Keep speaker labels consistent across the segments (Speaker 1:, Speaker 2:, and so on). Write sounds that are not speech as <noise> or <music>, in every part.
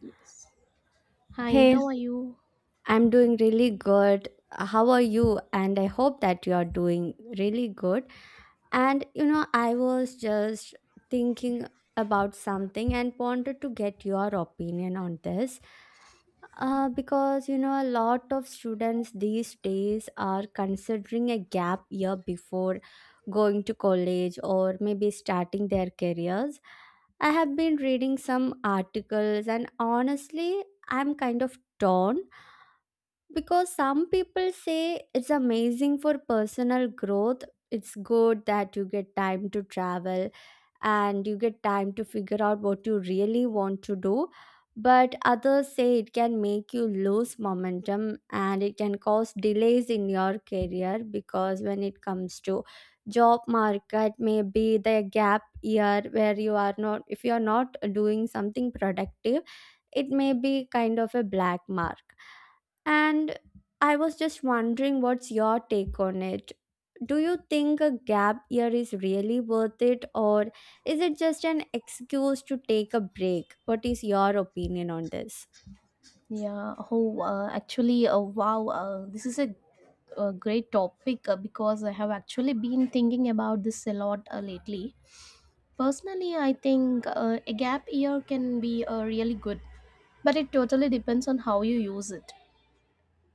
Speaker 1: Yes. Hi,
Speaker 2: Hey,
Speaker 1: how are you?
Speaker 2: I'm doing really good. How are you? And I hope that you are doing really good. And I was just thinking about something and wanted to get your opinion on this. Because a lot of students these days are considering a gap year before going to college or maybe starting their careers. I have been reading some articles, and honestly, I'm kind of torn because some people say it's amazing for personal growth. It's good that you get time to travel and you get time to figure out what you really want to do. But others say it can make you lose momentum, and it can cause delays in your career, because when it comes to job market, maybe the gap year, where you are not doing something productive, it may be kind of a black mark. And I was just wondering, what's your take on it? Do you think a gap year is really worth it, or is it just an excuse to take a break? What is your opinion on this?
Speaker 1: Yeah. Wow. This is a great topic because I have actually been thinking about this a lot lately. Personally, I think a gap year can be really good, but it totally depends on how you use it.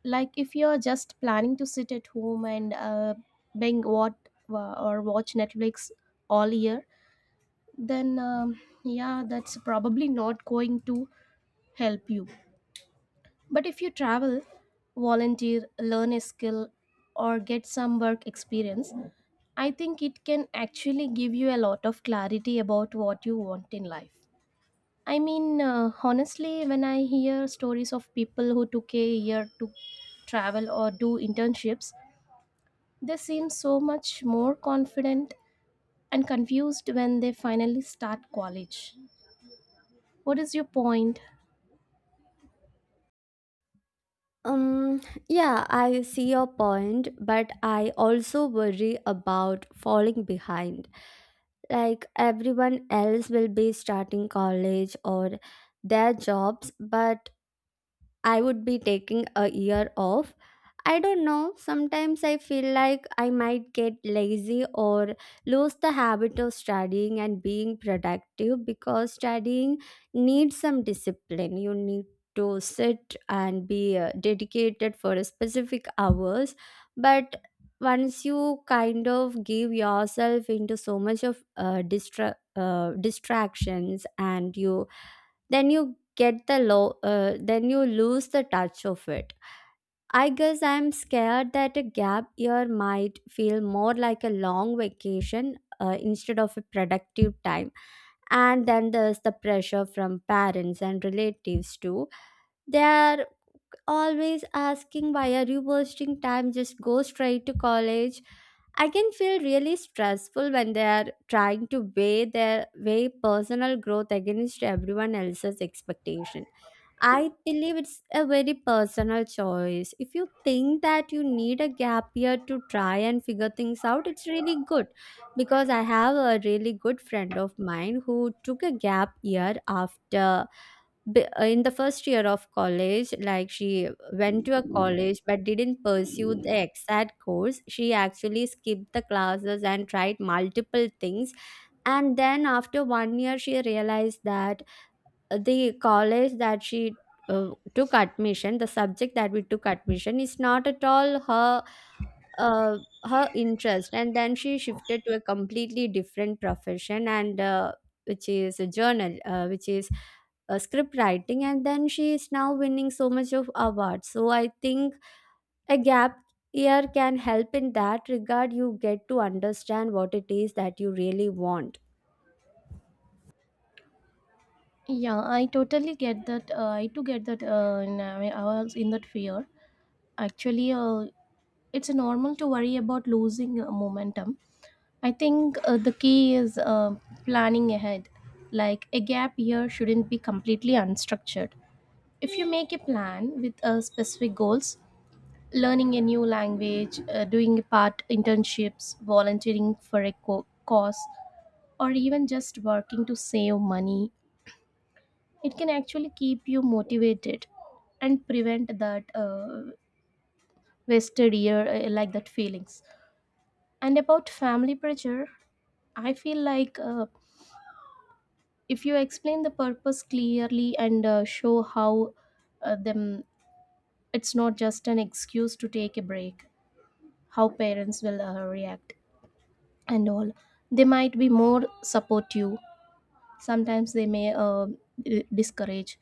Speaker 1: Like if you're just planning to sit at home and bang what or watch Netflix all year, then yeah, that's probably not going to help you. But if you travel, volunteer, learn a skill, or get some work experience, I think it can actually give you a lot of clarity about what you want in life. I mean, honestly, when I hear stories of people who took a year to travel or do internships, they seem so much more confident and confused when they finally start college. What is your point?
Speaker 2: Um, yeah, I see your point, but I also worry about falling behind. Like, everyone else will be starting college or their jobs, but I would be taking a year off. I don't know. Sometimes I feel like I might get lazy or lose the habit of studying and being productive, because studying needs some discipline. You need to sit and be dedicated for a specific hours. But once you kind of give yourself into so much of distractions, and you then you get the low, then you lose the touch of it. I guess I'm scared that a gap year might feel more like a long vacation instead of a productive time. And then there's the pressure from parents and relatives too. They are always asking, why are you wasting time, just go straight to college. I can feel really stressful when they are trying to weigh their weigh personal growth against everyone else's expectation. I believe it's a very personal choice. If you think that you need a gap year to try and figure things out, it's really good. Because I have a really good friend of mine who took a gap year after in the first year of college. Like, she went to a college but didn't pursue the exact course. She actually skipped the classes and tried multiple things, and then after one year she realized that the college that she uh, took admission, the subject that we took admission is not at all her, uh, interest. And then she shifted to a completely different profession, and which is a journal, which is script writing. And then she is now winning so much of awards. So I think a gap year can help in that regard. You get to understand what it is that you really want.
Speaker 1: Yeah, I totally get that. I too get that. And I was in that fear. Actually, it's normal to worry about losing momentum. I think the key is planning ahead. Like a gap year shouldn't be completely unstructured. If you make a plan with specific goals, learning a new language, doing a part internships, volunteering for a cause, or even just working to save money, it can actually keep you motivated and prevent that wasted year, like that feelings. And about family pressure, I feel like if you explain the purpose clearly and show how them, it's not just an excuse to take a break, how parents will react and all, they might be more supportive. Sometimes they may discourage,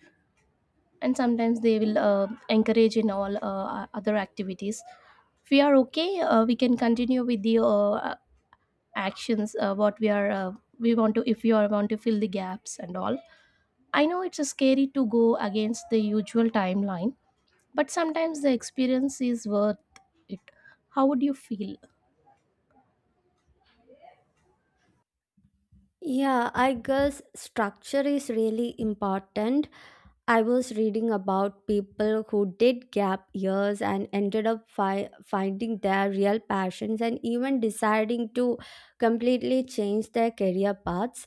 Speaker 1: and sometimes they will encourage in all other activities. If we are okay, we can continue with the actions what we are, we want to, if you are want to fill the gaps and all. I know it's scary to go against the usual timeline, but sometimes the experience is worth it. How would you feel?
Speaker 2: Yeah, I guess structure is really important. I was reading about people who did gap years and ended up finding their real passions and even deciding to completely change their career paths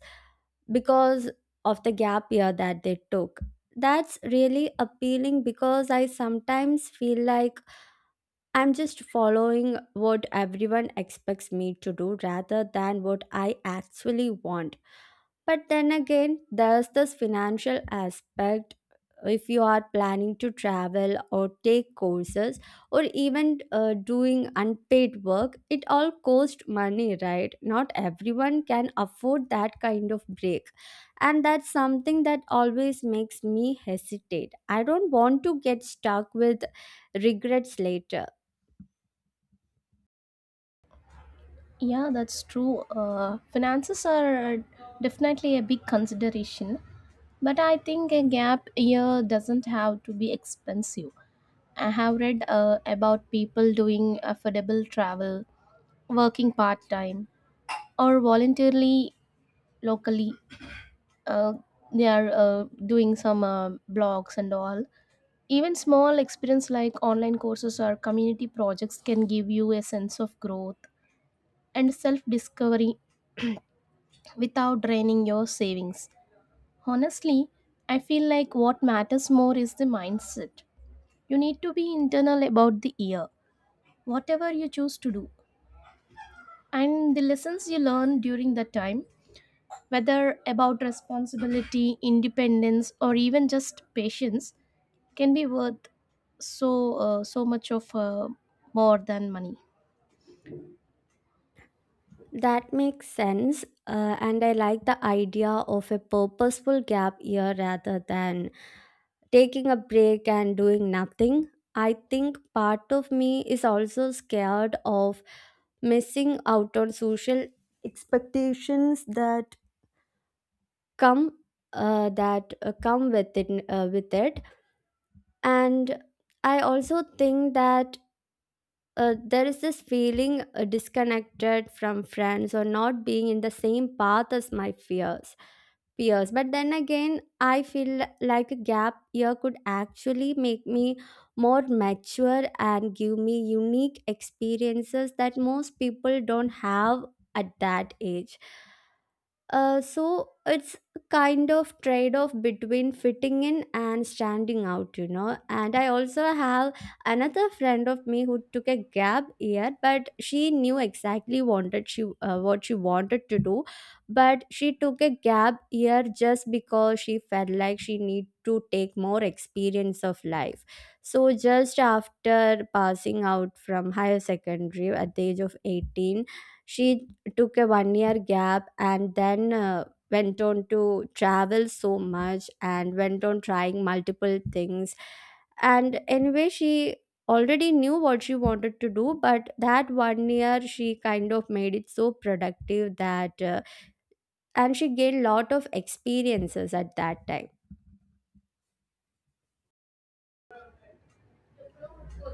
Speaker 2: because of the gap year that they took. That's really appealing, because I sometimes feel like I'm just following what everyone expects me to do rather than what I actually want. But then again, there's this financial aspect. If you are planning to travel or take courses or even doing unpaid work, it all costs money, right? Not everyone can afford that kind of break, and that's something that always makes me hesitate. I don't want to get stuck with regrets later.
Speaker 1: Yeah, that's true. Finances are definitely a big consideration, but I think a gap year doesn't have to be expensive. I have read about people doing affordable travel, working part time, or voluntarily locally. Uh, they are doing some blogs and all. Even small experience like online courses or community projects can give you a sense of growth and self discovery without draining your savings. Honestly, I feel like what matters more is the mindset. You need to be internal about the year, whatever you choose to do, and the lessons you learn during that time, whether about responsibility, independence, or even just patience, can be worth so much of more than money.
Speaker 2: That makes sense, and I like the idea of a purposeful gap year rather than taking a break and doing nothing. I think part of me is also scared of missing out on social expectations come that come with it and I also think that there is this feeling disconnected from friends or not being in the same path as my fears peers. But then again, I feel like a gap year could actually make me more mature and give me unique experiences that most people don't have at that age. So it's a kind of trade off between fitting in and standing out. And I also have another friend of me who took a gap year, but she knew exactly wanted she what she wanted to do, but she took a gap year just because she felt like she need to take more experience of life. So just after passing out from higher secondary at the age of 18, she took a one year gap, and then went on to travel so much and went on trying multiple things. And anyway, she already knew what she wanted to do, but that one year she kind of made it so productive that and she gained lot of experiences at that time.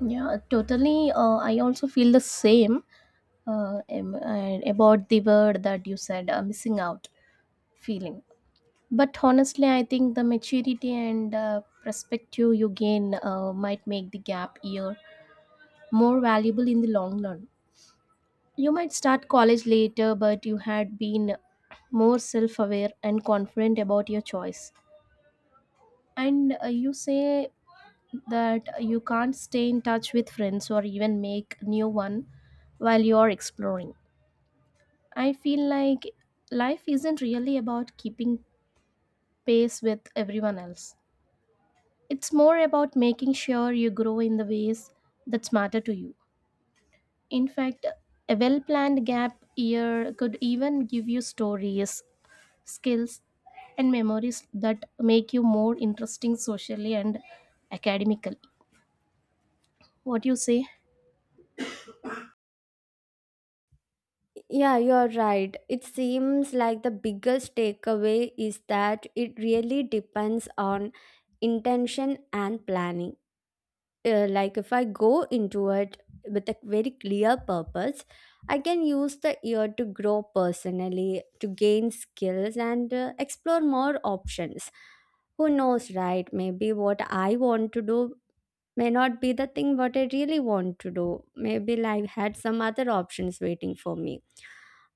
Speaker 1: Yeah, totally. I also feel the same, and about the word that you said, missing out feeling. But honestly, I think the maturity and perspective you gain might make the gap year more valuable in the long run. You might start college later, but you had been more self aware and confident about your choice. And you say that you can't stay in touch with friends or even make new one while you're exploring. I feel like life isn't really about keeping pace with everyone else. It's more about making sure you grow in the ways that matter to you. In fact, a well planned gap year could even give you stories, skills, and memories that make you more interesting socially and academically. What you say?
Speaker 2: Yeah, you're right, it seems like the biggest takeaway is that it really depends on intention and planning. Like, if I go into it with a very clear purpose, I can use the year to grow personally, to gain skills, and explore more options. Who knows, right? Maybe what I want to do may not be the thing what I really want to do. Maybe I had some other options waiting for me.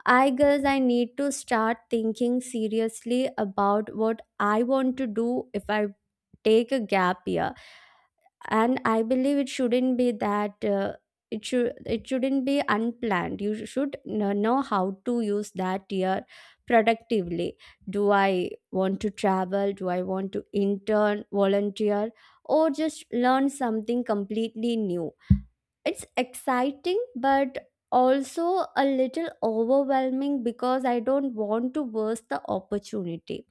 Speaker 2: I guess I need to start thinking seriously about what I want to do if I take a gap year. And I believe it shouldn't be that it should it shouldn't be unplanned. You should know how to use that year productively. Do I want to travel? Do I want to intern, volunteer, or just learn something completely new? It's exciting, but also a little overwhelming because I don't want to waste the opportunity.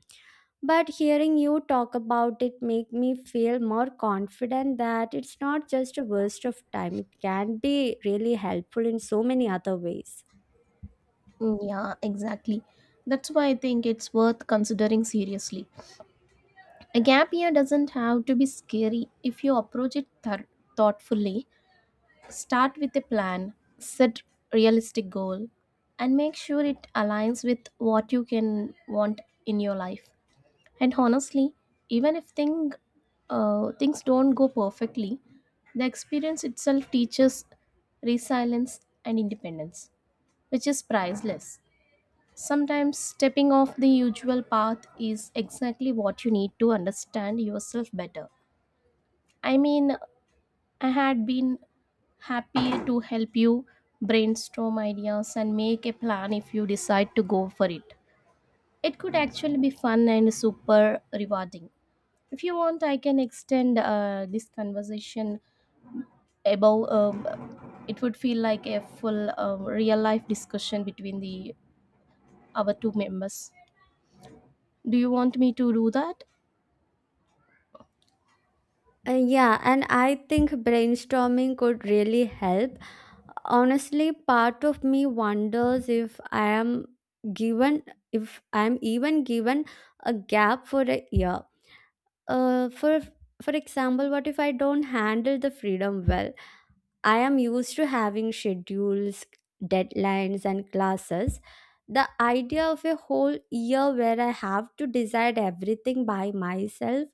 Speaker 2: But hearing you talk about it make me feel more confident that it's not just a waste of time. It can be really helpful in so many other ways.
Speaker 1: Mm, yeah, exactly. That's why I think it's worth considering seriously. A gap year doesn't have to be scary if you approach it thoughtfully. Start with a plan, set realistic goal, and make sure it aligns with what you can want in your life. And honestly, even if things don't go perfectly, the experience itself teaches resilience and independence, which is priceless. Sometimes stepping off the usual path is exactly what you need to understand yourself better. I mean, I had been happy to help you brainstorm ideas and make a plan if you decide to go for it. It could actually be fun and super rewarding. If you want, I can extend this conversation above. It would feel like a full real life discussion between the our two members. Do you want me to do that?
Speaker 2: Yeah, and I think brainstorming could really help. Honestly, part of me wonders given, if I am even given a gap for a year. Uh, for for example, what if I don't handle the freedom well? I am used to having schedules, deadlines, and classes. The idea of a whole year where I have to decide everything by myself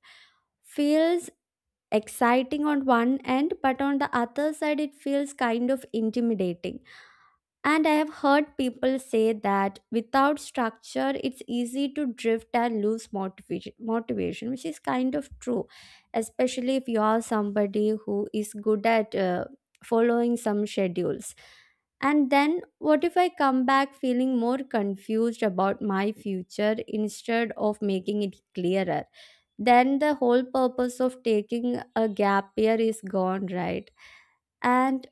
Speaker 2: feels exciting on one end, but on the other side, it feels kind of intimidating. And I have heard people say that without structure, it's easy to drift and lose motivation, which is kind of true, especially if you are somebody who is good at following some schedules. And then, what if I come back feeling more confused about my future instead of making it clearer? Then the whole purpose of taking a gap year is gone, right? And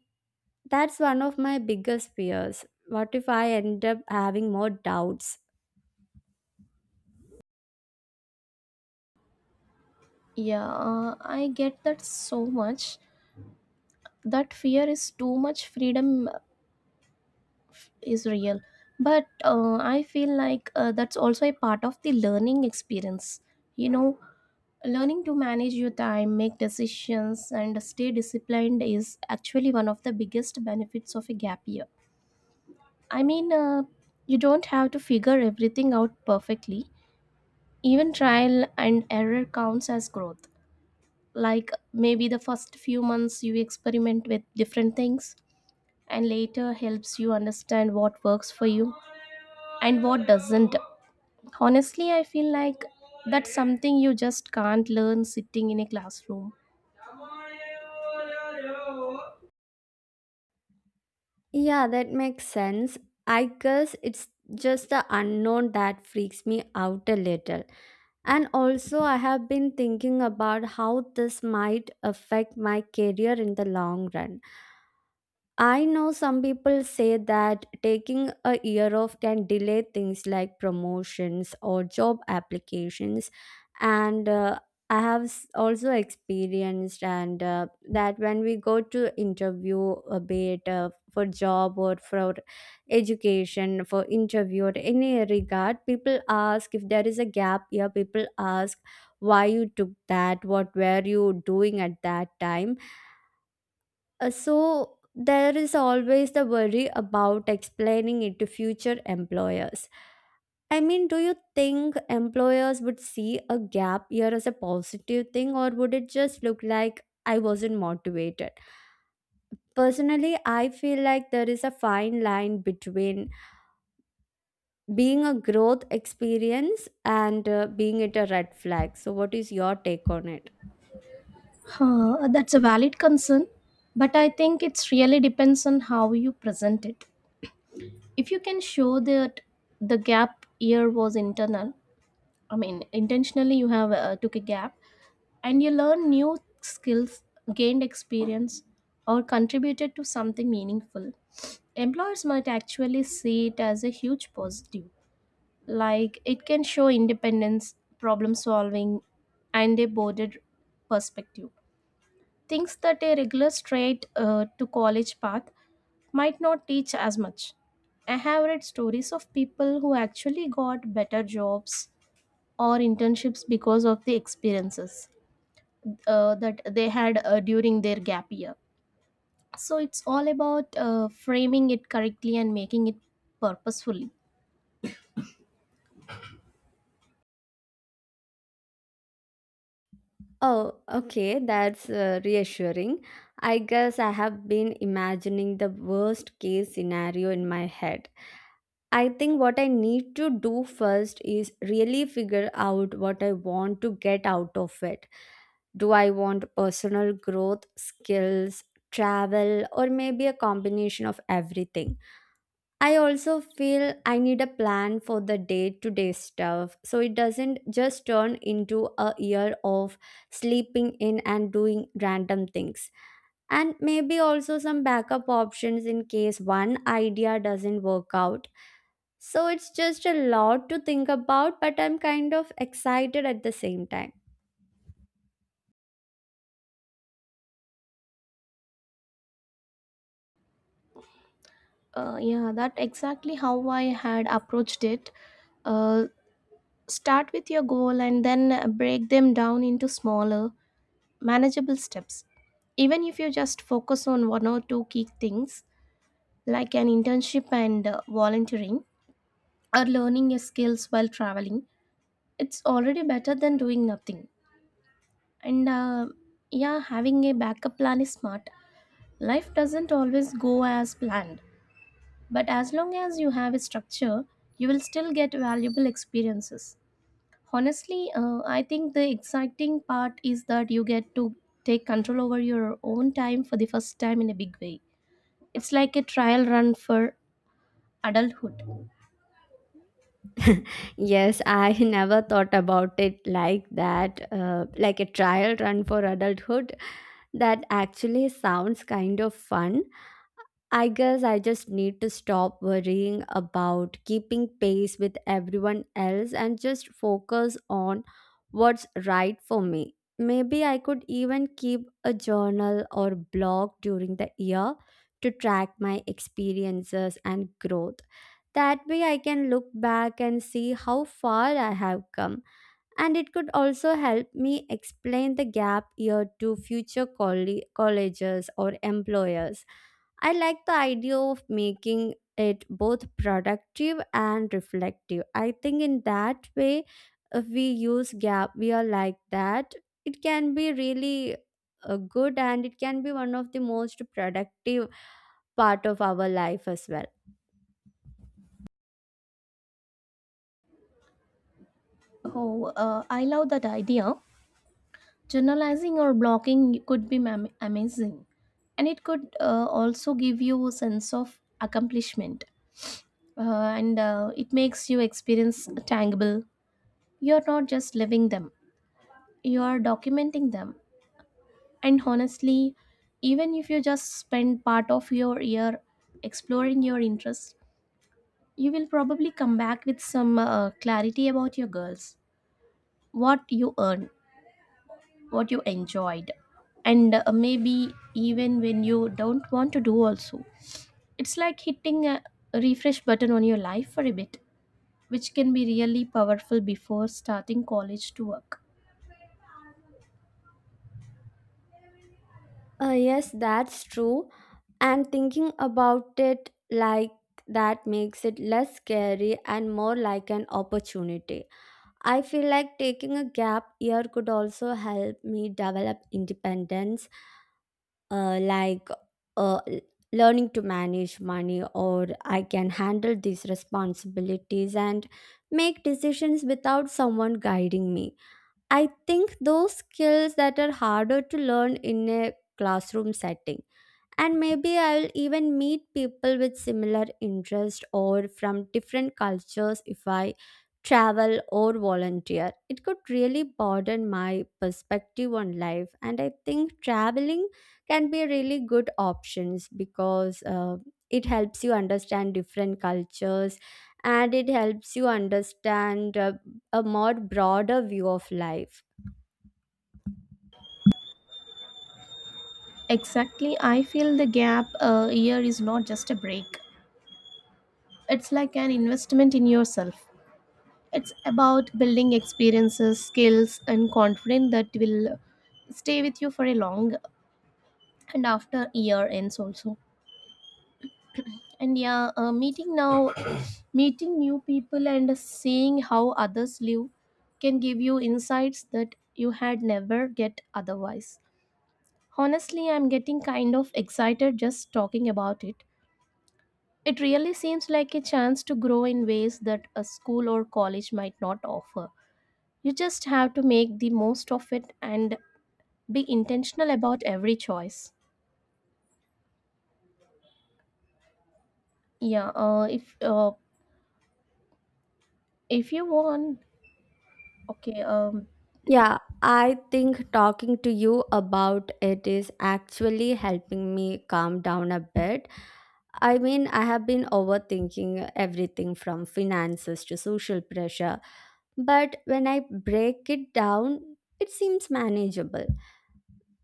Speaker 2: that's one of my biggest fears. What if I end up having more doubts?
Speaker 1: Yeah, I get that so much. That fear is too much freedom is real, but I feel like that's also a part of the learning experience, you know. Learning to manage your time, make decisions, and stay disciplined is actually one of the biggest benefits of a gap year. I mean, you don't have to figure everything out perfectly. Even trial and error counts as growth. Like maybe the first few months you experiment with different things, and later helps you understand what works for you and what doesn't. Honestly, I feel like that's something you just can't learn sitting in a classroom.
Speaker 2: Yeah, that makes sense. I guess it's just the unknown that freaks me out a little. And also, I have been thinking about how this might affect my career in the long run. I know some people say that taking a year off can delay things like promotions or job applications. And I have also experienced and that when we go to interview a bit for job or for education, for interview or any regard, people ask if there is a gap year, people ask why you took that, what were you doing at that time. So there is always the worry about explaining it to future employers. I mean, do you think employers would see a gap year as a positive thing, or would it just look like I wasn't motivated? Personally, I feel like there is a fine line between being a growth experience and being it a red flag. So, what is your take on it?
Speaker 1: Huh, that's a valid concern, but I think it really depends on how you present it. If you can show that the gap year was internal, I mean, intentionally you have took a gap, and you learn new skills, gained experience, or contributed to something meaningful, employers might actually see it as a huge positive. Like it can show independence, problem solving, and a broader perspective, things that a regular straight to college path might not teach as much. I have read stories of people who actually got better jobs or internships because of the experiences that they had during their gap year. So it's all about framing it correctly and making it purposefully.
Speaker 2: Oh, okay, that's reassuring. I guess I have been imagining the worst case scenario in my head. I think what I need to do first is really figure out what I want to get out of it. Do I want personal growth, skills, travel, or maybe a combination of everything? I also feel I need a plan for the day to day stuff so it doesn't just turn into a year of sleeping in and doing random things. And maybe also some backup options in case one idea doesn't work out. So it's just a lot to think about, but I'm kind of excited at the same time.
Speaker 1: Yeah, that exactly how I had approached it. Uh, Start with your goal and then break them down into smaller, manageable steps. Even if you just focus on one or two key things, like an internship and volunteering, or learning your skills while traveling, it's already better than doing nothing. And yeah, having a backup plan is smart. Life doesn't always go as planned. But as long as you have a structure, you will still get valuable experiences. Honestly, I think the exciting part is that you get to take control over your own time for the first time in a big way. It's like a trial run for adulthood.
Speaker 2: Yes, I <laughs> never thought about it like that, like a trial run for adulthood. That actually sounds kind of fun. I guess I just need to stop worrying about keeping pace with everyone else and just focus on what's right for me. Maybe I could even keep a journal or blog during the year to track my experiences and growth. That way, I can look back and see how far I have come. And it could also help me explain the gap year to future colleges or employers. I like the idea of making it both productive and reflective. I think in that way, if we use gap year like that, it can be really good, and it can be one of the most productive part of our life as well.
Speaker 1: Oh, I love that idea. Journalizing or blogging could be amazing, and it could also give you a sense of accomplishment, and it makes you experience tangible. You're not just living them; you're documenting them. And honestly, even if you just spend part of your year exploring your interests, you will probably come back with some clarity about your girls, what you earned, what you enjoyed, and maybe even when you don't want to do also. It's like hitting a refresh button on your life for a bit, which can be really powerful before starting college to work.
Speaker 2: Yes, that's true. And thinking about it like that makes it less scary and more like an opportunity. I feel like taking a gap year could also help me develop independence, uh, like uh, l- learning to manage money, or I can handle these responsibilities and make decisions without someone guiding me. I think those skills that are harder to learn in a classroom setting, and maybe I'll even meet people with similar interest or from different cultures if I travel or volunteer. It could really broaden my perspective on life, and I think traveling can be really good options because it helps you understand different cultures, and it helps you understand a more broader view of life.
Speaker 1: Exactly. I feel the gap a year is not just a break. It's like an investment in yourself. It's about building experiences, skills, and confidence that will stay with you for a long and after year ends also. And yeah, meeting now, <coughs> <clears throat> meeting new people and seeing how others live can give you insights that you had never get otherwise. Honestly, I'm getting kind of excited just talking about it. It really seems like a chance to grow in ways that a school or college might not offer. You just have to make the most of it and be intentional about every choice. Yeah, if you want, okay,
Speaker 2: Yeah, I think talking to you about it is actually helping me calm down a bit. I mean, I have been overthinking everything from finances to social pressure, but when I break it down, it seems manageable.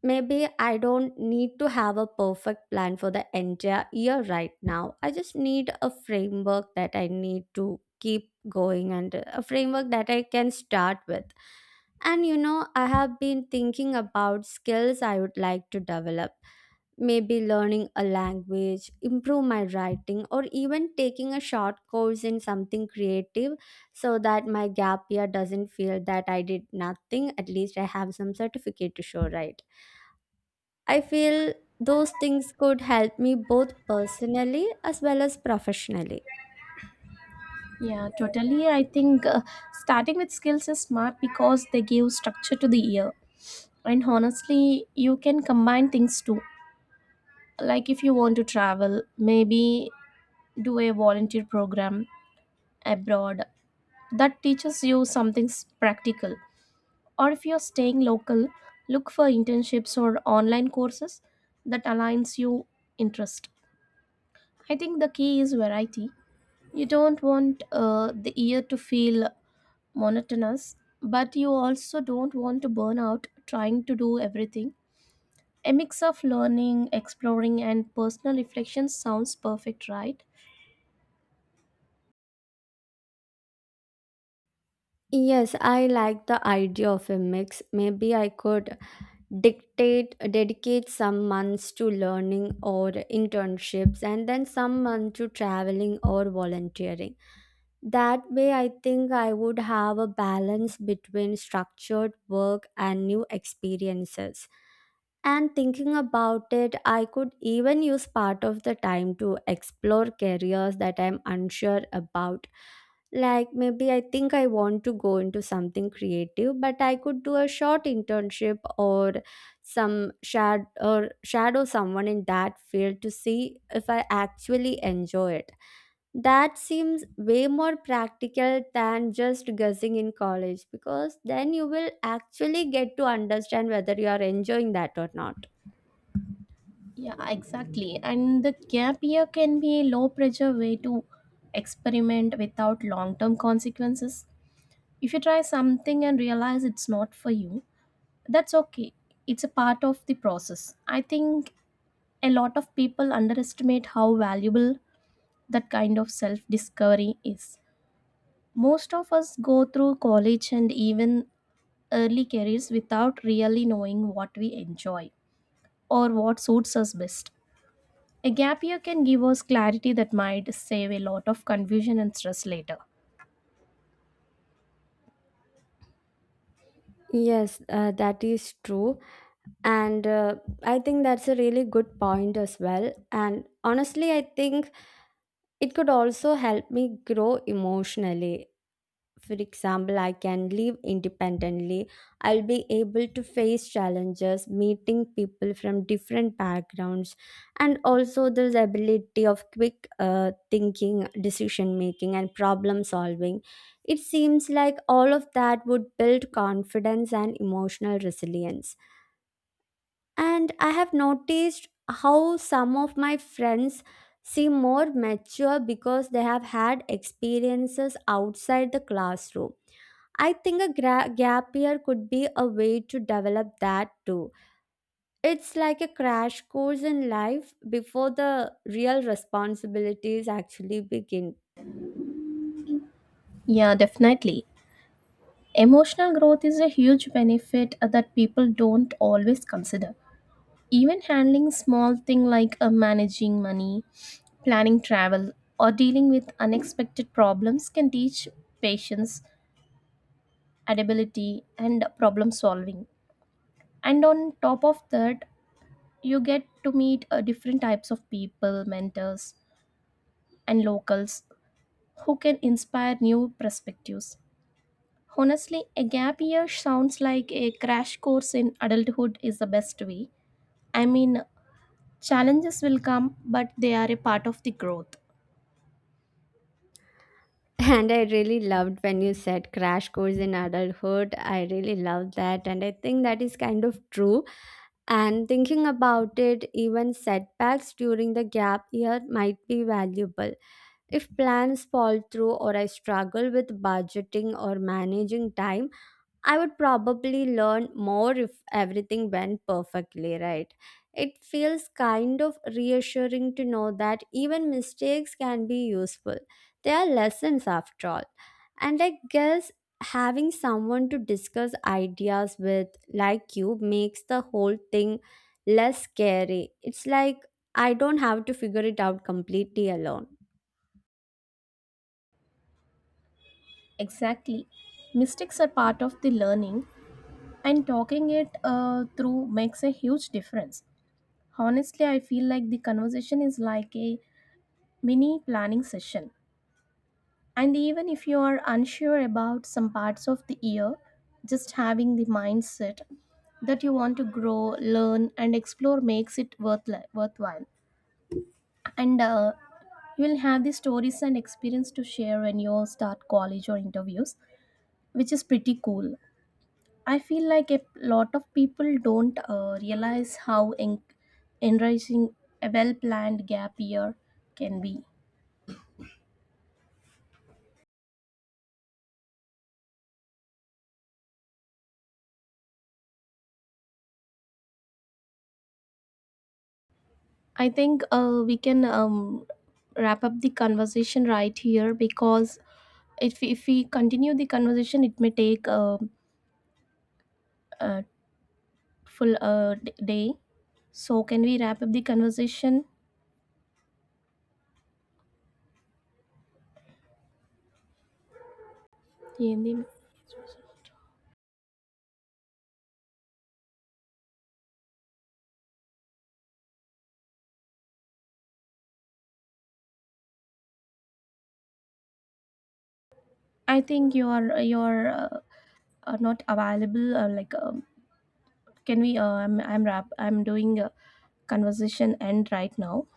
Speaker 2: Maybe I don't need to have a perfect plan for the entire year right now. I just need a framework that I need to keep going and a framework that I can start with. And you know, I have been thinking about skills I would like to develop. Maybe learning a language, improve my writing, or even taking a short course in something creative so that my gap year doesn't feel that I did nothing. At least I have some certificate to show, right? I feel those things could help me both personally as well as professionally.
Speaker 1: Yeah, totally. I think starting with skills is smart because they give structure to the year. And honestly, you can combine things too. Like if you want to travel, maybe do a volunteer program abroad that teaches you something practical. Or if you're staying local, look for internships or online courses that aligns your interest. I think the key is variety. You don't want the year to feel monotonous, but you also don't want to burn out trying to do everything. A mix of learning, exploring, and personal reflection sounds perfect, right?
Speaker 2: Yes, I like the idea of a mix. Maybe I could dictate dedicate some months to learning or internships and then some month to traveling or volunteering. That way, I think I would have a balance between structured work and new experiences. And thinking about it, I could even use part of the time to explore careers that I'm unsure about. Like maybe I think I want to go into something creative, but I could do a short internship or some shad or shadow someone in that field to see if I actually enjoy it. That seems way more practical than just guessing in college, because then you will actually get to understand whether you are enjoying that or not.
Speaker 1: Yeah, exactly. And the gap year can be a low pressure way to experiment without long term consequences. If you try something and realize it's not for you, that's okay. It's a part of the process. I think a lot of people underestimate how valuable that kind of self discovery is. Most of us go through college and even early careers without really knowing what we enjoy or what suits us best. A gap year can give us clarity that might save a lot of confusion and stress later.
Speaker 2: Yes, that is true. And I think that's a really good point as well. And honestly, I think it could also help me grow emotionally. For example, I can live independently. I'll be able to face challenges, meeting people from different backgrounds, and also this ability of quick thinking, decision making, and problem solving. It seems like all of that would build confidence and emotional resilience. And I have noticed how some of my friends seem more mature because they have had experiences outside the classroom. I think a gap year could be a way to develop that too. It's like a crash course in life before the real responsibilities actually begin.
Speaker 1: Yeah, definitely. Emotional growth is a huge benefit that people don't always consider. Even handling small things like managing money, planning travel, or dealing with unexpected problems can teach patience, adaptability, and problem solving. And on top of that, you get to meet different types of people, mentors, and locals who can inspire new perspectives. Honestly, a gap year sounds like a crash course in adulthood is the best way. I mean, challenges will come, but they are a part of the growth.
Speaker 2: And I really loved when you said crash course in adulthood. I really loved that. And I think that is kind of true. And thinking about it, even setbacks during the gap year might be valuable. If plans fall through, or I struggle with budgeting or managing time, I would probably learn more if everything went perfectly right. It feels kind of reassuring to know that even mistakes can be useful. They are lessons after all. And I guess having someone to discuss ideas with, like you, makes the whole thing less scary. It's like I don't have to figure it out completely alone.
Speaker 1: Exactly. Mistakes are part of the learning, and talking it through makes a huge difference. Honestly, I feel like the conversation is like a mini planning session. And even if you are unsure about some parts of the year, just having the mindset that you want to grow, learn, and explore makes it worth worthwhile. And you will have the stories and experience to share when you start college or interviews, which is pretty cool. I feel like a lot of people don't realize how enriching a well planned gap year can be. I think we can wrap up the conversation right here because if we continue the conversation, it may take a full day. So can we wrap up the conversation? Hindi- I think you are not available. Like, can we? I'm wrap. I'm doing a conversation end right now.